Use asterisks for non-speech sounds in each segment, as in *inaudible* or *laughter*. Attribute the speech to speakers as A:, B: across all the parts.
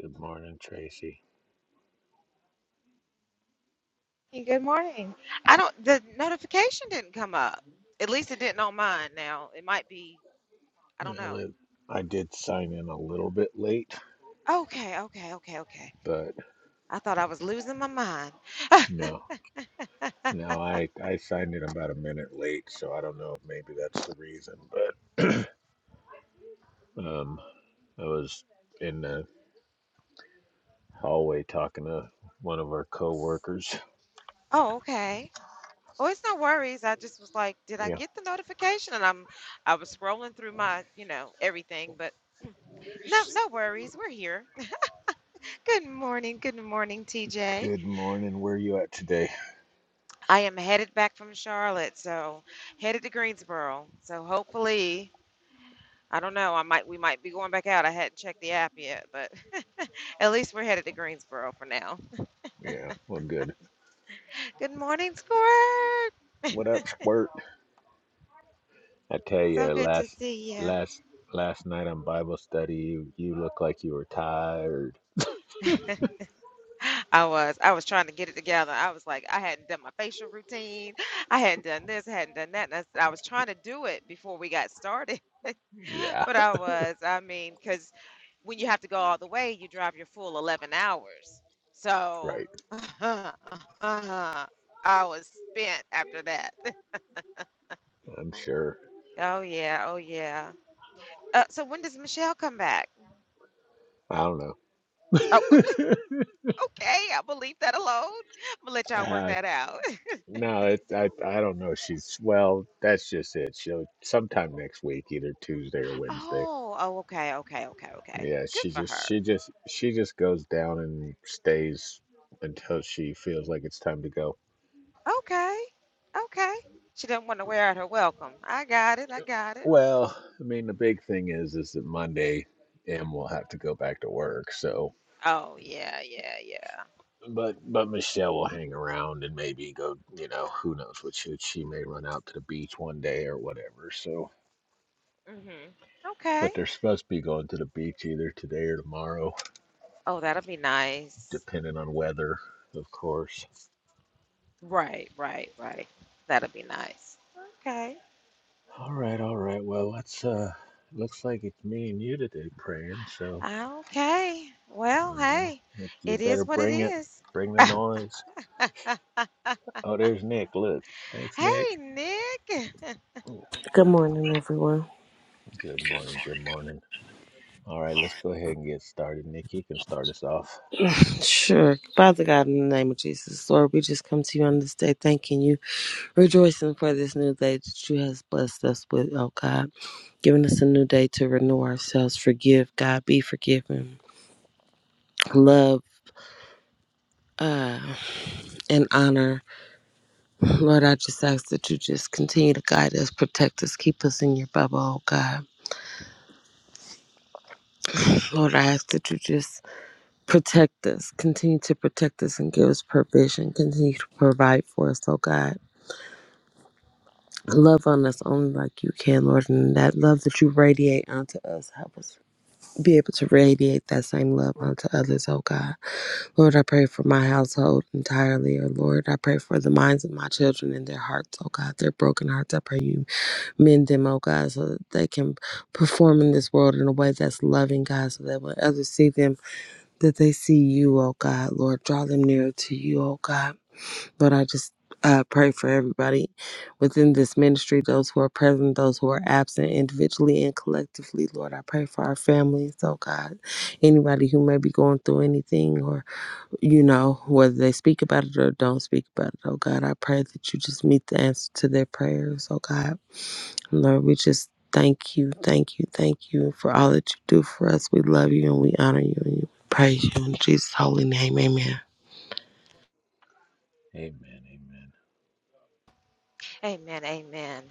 A: Good morning, Tracy.
B: Hey, Good morning. I don't, the notification didn't come up. At least it didn't on mine now. It might be, I don't
A: Well,
B: know.
A: I did sign in a little bit late,
B: Okay, okay, okay, okay.
A: but
B: I thought I was losing my mind. *laughs*
A: no, no, I I signed in about a minute late, so I don't know if maybe that's the reason. But *clears throat* um, I was in the hallway talking to one of our coworkers.
B: Oh, okay. Oh, it's no worries. I just was like, did I
A: Yeah.
B: get the notification? And I'm, I was scrolling through my, you know, everything, but no, no worries. We're here. *laughs* Good morning. Good morning, T J.
A: Good morning. Where you at today?
B: I am headed back from Charlotte, so headed to Greensboro. So hopefully. I don't know. I might we might be going back out. I hadn't checked the app yet, but *laughs* at least we're headed to Greensboro for now.
A: Yeah. Well, good.
B: Good morning, Squirt.
A: What up, Squirt? I tell
B: So
A: you,
B: good to
A: last
B: see you.
A: last last night on Bible study, you, you look like you were tired.
B: *gasps* I was I was trying to get it together. I was like I hadn't done my facial routine. I hadn't done this. I hadn't done that. And I, s- I was trying to do it before we got started, *laughs*
A: Yeah.
B: but I was. I mean, because when you have to go all the way, you drive your full eleven hours. So
A: Right.
B: *laughs* I was spent after that. *laughs*
A: I'm sure.
B: Oh yeah, oh yeah. Uh, so when does Michelle come back?
A: I don't know.
B: Oh, ooh, okay. I'm gonna leave that alone. I'm gonna let y'all work
A: Uh,
B: that out. *laughs*
A: no, it, I I don't know. She's well. That's just it. She'll sometime next week, either Tuesday or Wednesday.
B: Oh, oh, okay, okay, okay, okay.
A: Yeah,
B: Good
A: she
B: for
A: just
B: her.
A: she just she just goes down and stays until she feels like it's time to go.
B: Okay, okay. She didn't want to wear out her welcome. I got it. I got it.
A: Well, I mean, the big thing is is that Monday, M will have to go back to work. So,
B: Oh yeah, yeah, yeah.
A: but but Michelle will hang around and maybe go. You know, who knows what she she may run out to the beach one day or whatever. So
B: Mhm. Okay.
A: but they're supposed to be going to the beach either today or tomorrow,
B: Oh, that'll be nice.
A: depending on weather, of course.
B: Right, right, right. That'll be nice. Okay.
A: All right, all right. Well, let's. Uh, looks like it's me and you today praying. So
B: Okay. Well,
A: you know,
B: hey,
A: you
B: it
A: better
B: is what it
A: bring it.
B: is.
A: Bring the noise. Oh, there's Nick. Look. Thanks, Nick.
B: Hey, Nick. *laughs*
C: Good morning, everyone.
A: Good morning. Good morning. All right, let's go ahead and get started. Nick, you can start us off.
C: Sure. Father God, in the name of Jesus, Lord, we just come to you on this day, thanking you, rejoicing for this new day that you has blessed us with, oh God, giving us a new day to renew ourselves, forgive, God, be forgiven, love, uh, and honor. Lord, I just ask that you just continue to guide us, protect us, keep us in your bubble, oh God. Lord, I ask that you just protect us, continue to protect us and give us provision, continue to provide for us, oh God. Love on us only like you can, Lord, and that love that you radiate onto us, help us be able to radiate that same love onto others, oh God. Lord, I pray for my household entirely, oh Lord. I pray for the minds of my children and their hearts, oh God, their broken hearts. I pray you mend them, oh God, so that they can perform in this world in a way that's loving, God, so that when others see them, that they see you, oh God, Lord. Draw them nearer to you, oh God. But I just uh, pray for everybody within this ministry, those who are present, those who are absent, individually and collectively. Lord, I pray for our families, oh God. Anybody who may be going through anything or, you know, whether they speak about it or don't speak about it, oh God, I pray that you just meet the answer to their prayers, oh God. Lord, we just thank you, thank you, thank you for all that you do for us. We love you and we honor you and we praise you in Jesus' holy name. Amen.
A: Amen. Amen.
B: Amen. Amen.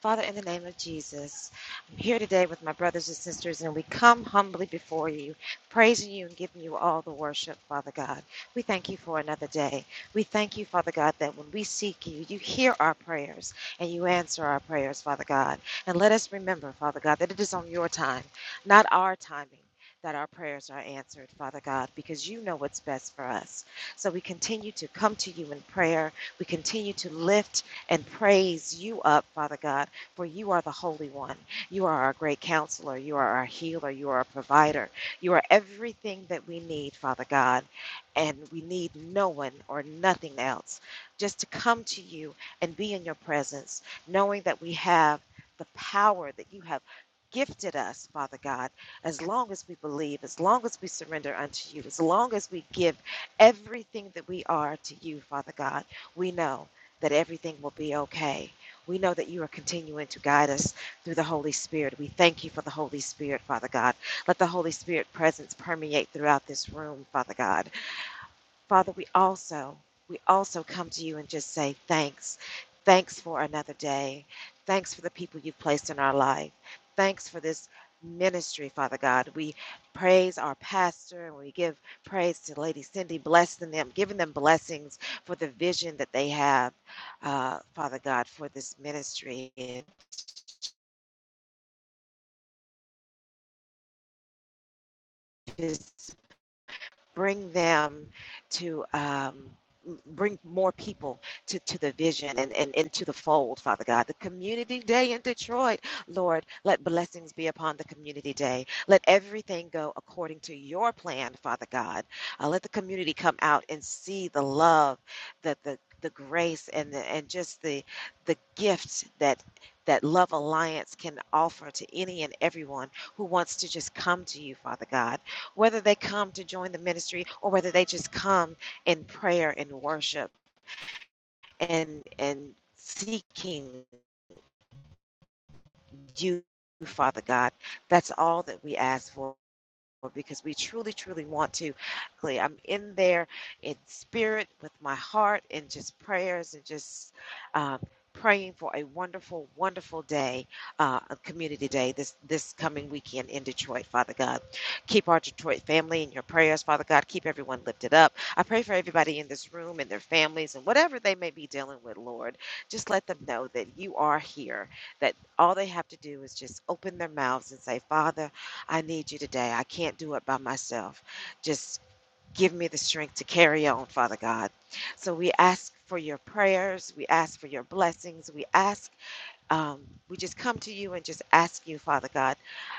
B: Father, in the name of Jesus, I'm here today with my brothers and sisters, and we come humbly before you, praising you and giving you all the worship, Father God. We thank you for another day. We thank you, Father God, that when we seek you, you hear our prayers and you answer our prayers, Father God. And let us remember, Father God, that it is on your time, not our timing. That our prayers are answered, Father God, because you know what's best for us. So we continue to come to you in prayer. We continue to lift and praise you up, Father God, for you are the Holy One. You are our great counselor. You are our healer. You are our provider. You are everything that we need, Father God. And we need no one or nothing else. Just to come to you and be in your presence, knowing that we have the power that you have gifted us, Father God, as long as we believe, as long as we surrender unto you, as long as we give everything that we are to you, Father God. We know that everything will be okay. We know that you are continuing to guide us through the Holy Spirit. We thank you for the Holy Spirit, Father God. Let the Holy Spirit presence permeate throughout this room, Father God. Father, we also we also come to you and just say thanks. Thanks for another day. Thanks for the people you've placed in our life. Thanks for this ministry, Father God. We praise our pastor and we give praise to Lady Cindy, blessing them, giving them blessings for the vision that they have, uh, Father God, for this ministry. and. just bring them to um, bring more people to, to the vision and, and into the fold, Father God. The community day in Detroit, Lord, let blessings be upon the community day. Let everything go according to your plan, Father God. Uh, let the community come out and see the love, the the, the grace and the, and just the the gifts that that Love Alliance can offer to any and everyone who wants to just come to you, Father God whether they come to join the ministry or whether they just come in prayer and worship and and seeking you father god that's all that we ask for because we truly, truly want to. Like, I'm in there in spirit with my heart and just prayers and just um, praying for a wonderful, wonderful day, uh, a community day this this coming weekend in Detroit. Father God, keep our Detroit family in your prayers. Father God, keep everyone lifted up. I pray for everybody in this room and their families and whatever they may be dealing with, Lord. Just let them know that you are here. That all they have to do is just open their mouths and say, Father. I need you today. I can't do it by myself. Just give me the strength to carry on, Father God. So we ask for your prayers. We ask for your blessings. We ask, um, we just come to you and just ask you, Father God,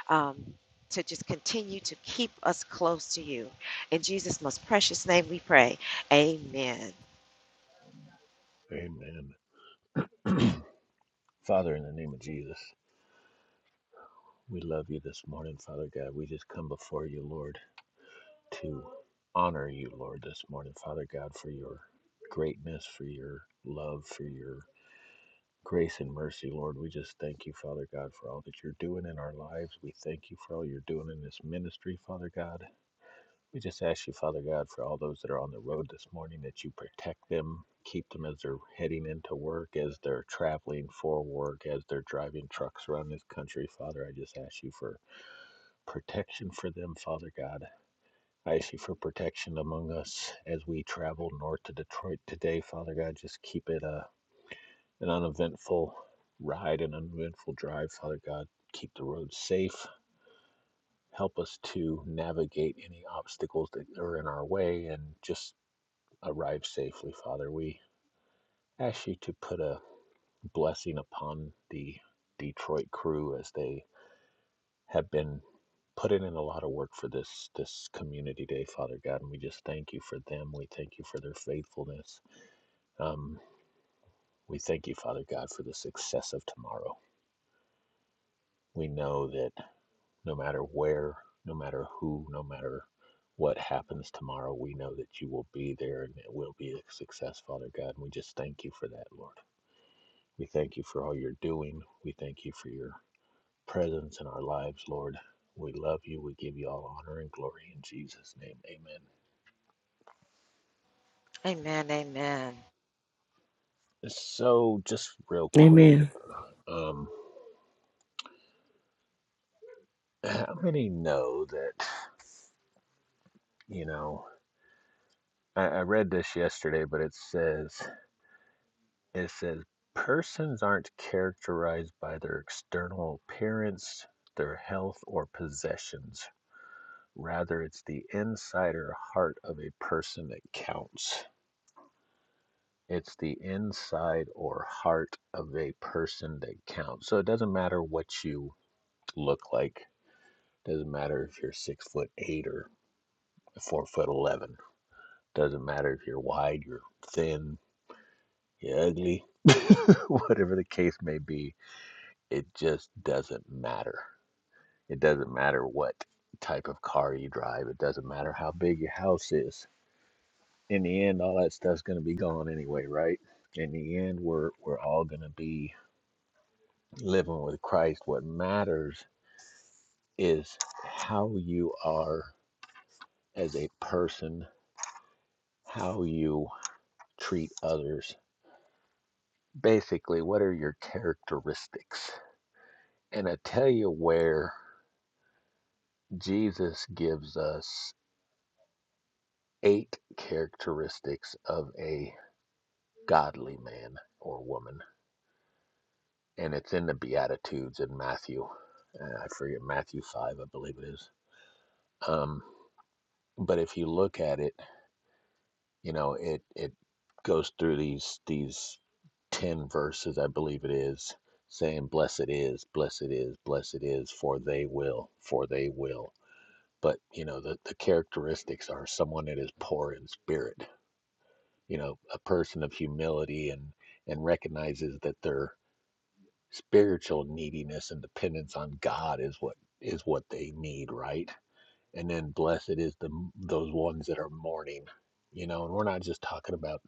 B: um, to just continue to keep us close to you. In Jesus' most precious name we pray. Amen.
A: Amen. Father, in the name of Jesus, we love you this morning, Father God. We just come before you, Lord. to honor you, Lord, this morning, Father God, for your greatness, for your love, for your grace and mercy, Lord. We just thank you, Father God, for all that you're doing in our lives. We thank you for all you're doing in this ministry, Father God. We just ask you, Father God, for all those that are on the road this morning, that you protect them, keep them as they're heading into work, as they're traveling for work, as they're driving trucks around this country. Father, I just ask you for protection for them, Father God. I ask you for protection among us as we travel north to Detroit today, Father God. Just keep it a an uneventful ride, an uneventful drive, Father God. Keep the roads safe. Help us to navigate any obstacles that are in our way and just arrive safely, Father. We ask you to put a blessing upon the Detroit crew as they have been putting in a lot of work for this this community day, Father God, and we just thank you for them. We thank you for their faithfulness. Um, we thank you, Father God, for the success of tomorrow. We know that no matter where, no matter who, no matter what happens tomorrow, we know that you will be there and it will be a success, Father God. And we just thank you for that, Lord. We thank you for all you're doing. We thank you for your presence in our lives, Lord. We love you. We give you all honor and glory in Jesus' name. Amen.
B: Amen. Amen.
A: So, just real quick,
C: Amen.
A: um, *clears throat* how many know that, you know, I, I read this yesterday, but it says, it says, persons aren't characterized by their external appearance, their health, or possessions. Rather, it's the inside or heart of a person that counts. It's the inside or heart of a person that counts. So it doesn't matter what you look like. It Doesn't matter if you're six foot eight or four foot eleven. It Doesn't matter if you're wide, you're thin, you're ugly, *laughs* whatever the case may be. It just doesn't matter. It doesn't matter what type of car you drive. It doesn't matter how big your house is. In the end, all that stuff's gonna be gone anyway, right? In the end, we're we're all gonna be living with Christ, what matters is how you are as a person, how you treat others. Basically, what are your characteristics? And I tell you where Jesus gives us eight characteristics of a godly man or woman. And it's in the Beatitudes in Matthew. Uh, I forget, Matthew 5, I believe it is. Um, but if you look at it, You know, it it goes through these these 10 verses, I believe it is, saying, Blessed is, blessed is, blessed is, for they will, for they will. But, you know, the, the characteristics are someone that is poor in spirit, you know, a person of humility and, and recognizes that their spiritual neediness and dependence on God is what is what they need, right? and then blessed is the those ones that are mourning you know and we're not just talking about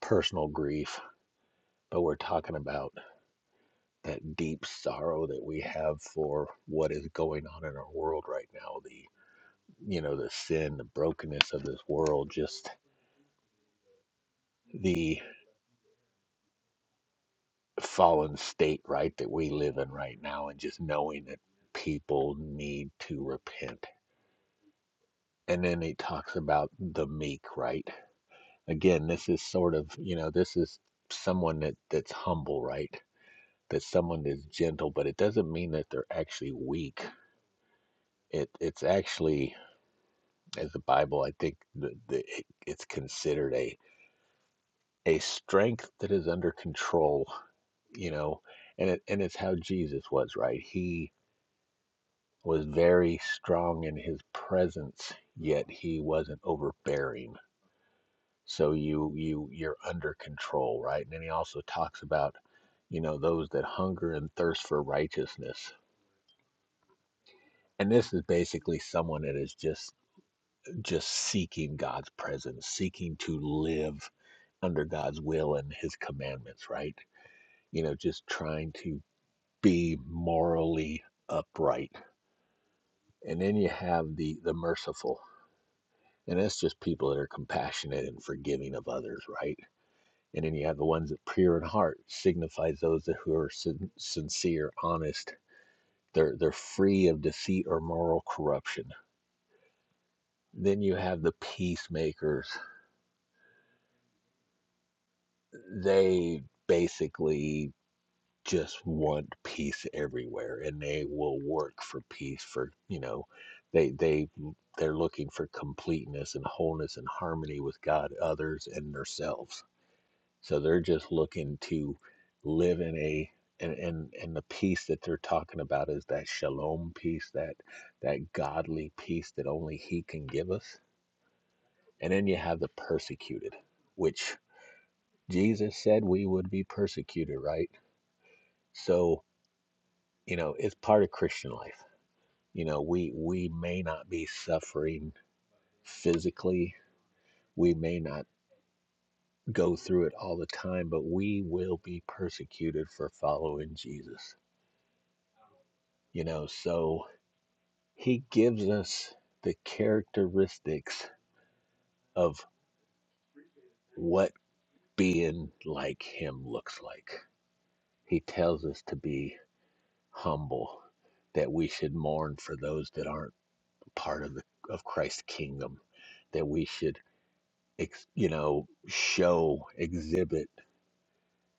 A: personal grief but we're talking about that deep sorrow that we have for what is going on in our world right now the you know the sin the brokenness of this world just the fallen state right that we live in right now and just knowing that people need to repent and then he talks about the meek right again this is sort of you know this is someone that that's humble right that someone that's gentle but it doesn't mean that they're actually weak it it's actually as the bible i think the, the, it, it's considered a a strength that is under control you know and it and it's how jesus was right he was very strong in his presence yet he wasn't overbearing so you you you're under control right and then he also talks about you know those that hunger and thirst for righteousness and this is basically someone that is just just seeking god's presence seeking to live under god's will and his commandments right you know just trying to be morally upright and then you have the the merciful and that's just people that are compassionate and forgiving of others right And then you have the ones that pure in heart signifies those that who are sin- sincere, honest. They're they're free of deceit or moral corruption. Then you have the peacemakers. They basically just want peace everywhere, and they will work for peace. For you know, they they they're looking for completeness and wholeness and harmony with God, others, and themselves So they're just looking to live in a and, and and the peace that they're talking about is that shalom peace, that that godly peace that only he can give us. And then you have the persecuted, which Jesus said we would be persecuted, right? So, you know, it's part of Christian life. You know, we we may not be suffering physically. We may not go through it all the time, but we will be persecuted for following Jesus. You know, so He gives us the characteristics of what being like Him looks like. He tells us to be humble, that we should mourn for those that aren't part of the of Christ's kingdom, that we should ex, you know show exhibit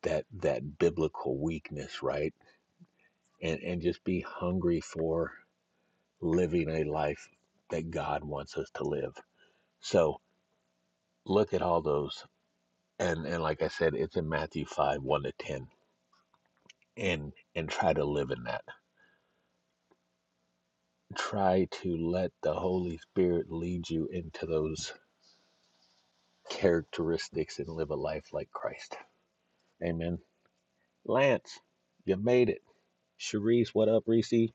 A: that that biblical weakness, right? And and just be hungry for living a life that God wants us to live. So look at all those and and like I said, it's in Matthew five one to ten, and and try to live in that. Try to let the Holy Spirit lead you into those characteristics and live a life like Christ. Amen. Lance, you made it. Cherise, what up, Reese?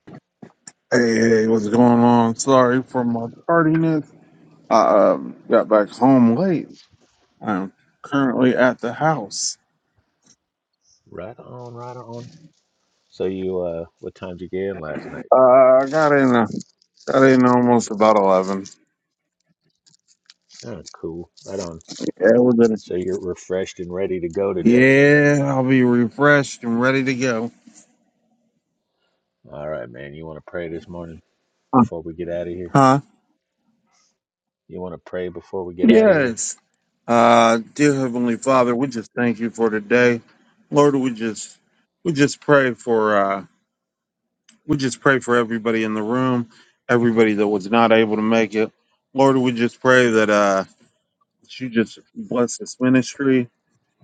D: Hey, hey, what's going on? Sorry for my tardiness. I um, got back home late. I'm currently at the house.
A: Right on, right on. So you, uh, what time did you get in last night?
D: Uh, I got in, uh, got in almost about eleven.
A: Oh, cool. Right on.
D: Yeah, we're good.
A: So you're refreshed and ready to go today.
D: Yeah, I'll be refreshed and ready to go.
A: All right, man. You want to pray this morning
D: Uh,
A: before we get out of here?
D: Huh?
A: You want to pray before we get out of here?
D: Yes. Uh, dear Heavenly Father, we just thank you for today, Lord. We just, we just pray for. uh, We just pray for everybody in the room, everybody that was not able to make it. Lord, we just pray that uh, that you just bless this ministry,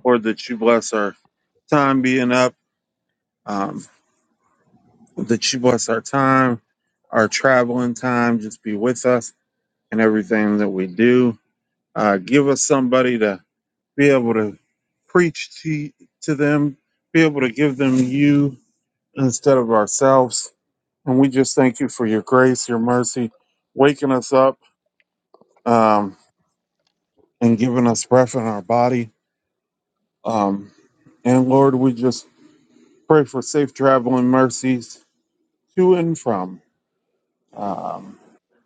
D: or that you bless our time being up, um, that you bless our time, our traveling time. Just be with us and everything that we do. Uh, give us somebody to be able to preach to to them, be able to give them you instead of ourselves And we just thank you for your grace, your mercy, waking us up um, and giving us breath in our body. Um, and Lord, we just pray for safe traveling mercies to and from. Um,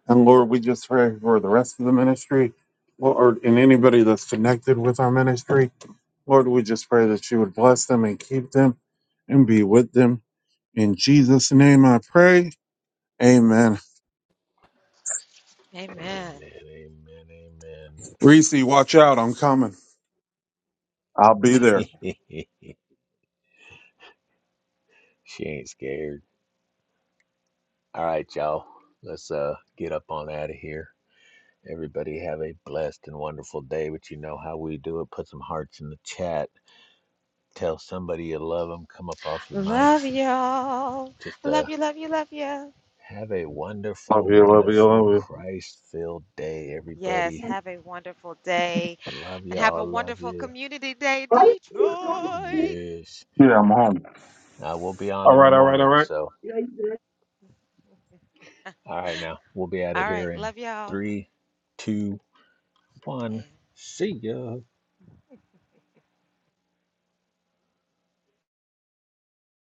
D: and Lord, we just pray for the rest of the ministry, Lord, and anybody that's connected with our ministry. Lord, we just pray that you would bless them and keep them and be with them. In Jesus' name I pray. Amen.
B: Amen.
A: Amen, amen,
D: Reese, watch out. I'm coming. I'll be there.
A: amen. *laughs* she ain't scared. All right, y'all. Let's uh get up on out of here. Everybody have a blessed and wonderful day. But you know how we do it. Put some hearts in the chat. Tell somebody you love them. Come up off your
B: Love
A: mics.
B: y'all.
A: Just uh
B: Love you, love you, love you.
A: have a
D: Love
A: wonderful,
D: you, love you, love
A: wonderful
D: you.
A: Christ-filled day,
B: Yes,
A: everybody.
B: have a wonderful day.
A: Love
B: and have a
A: y'all. Love
B: wonderful
A: you.
B: community day, Detroit.
A: Yes.
D: Yeah, I'm home.
A: I will be on
D: All
A: in the
D: right, all right, all
A: morning.
D: right.
A: So all right, now we'll be out of
B: All right.
A: here in
B: Love y'all.
A: three, two. one.
B: And
A: See ya.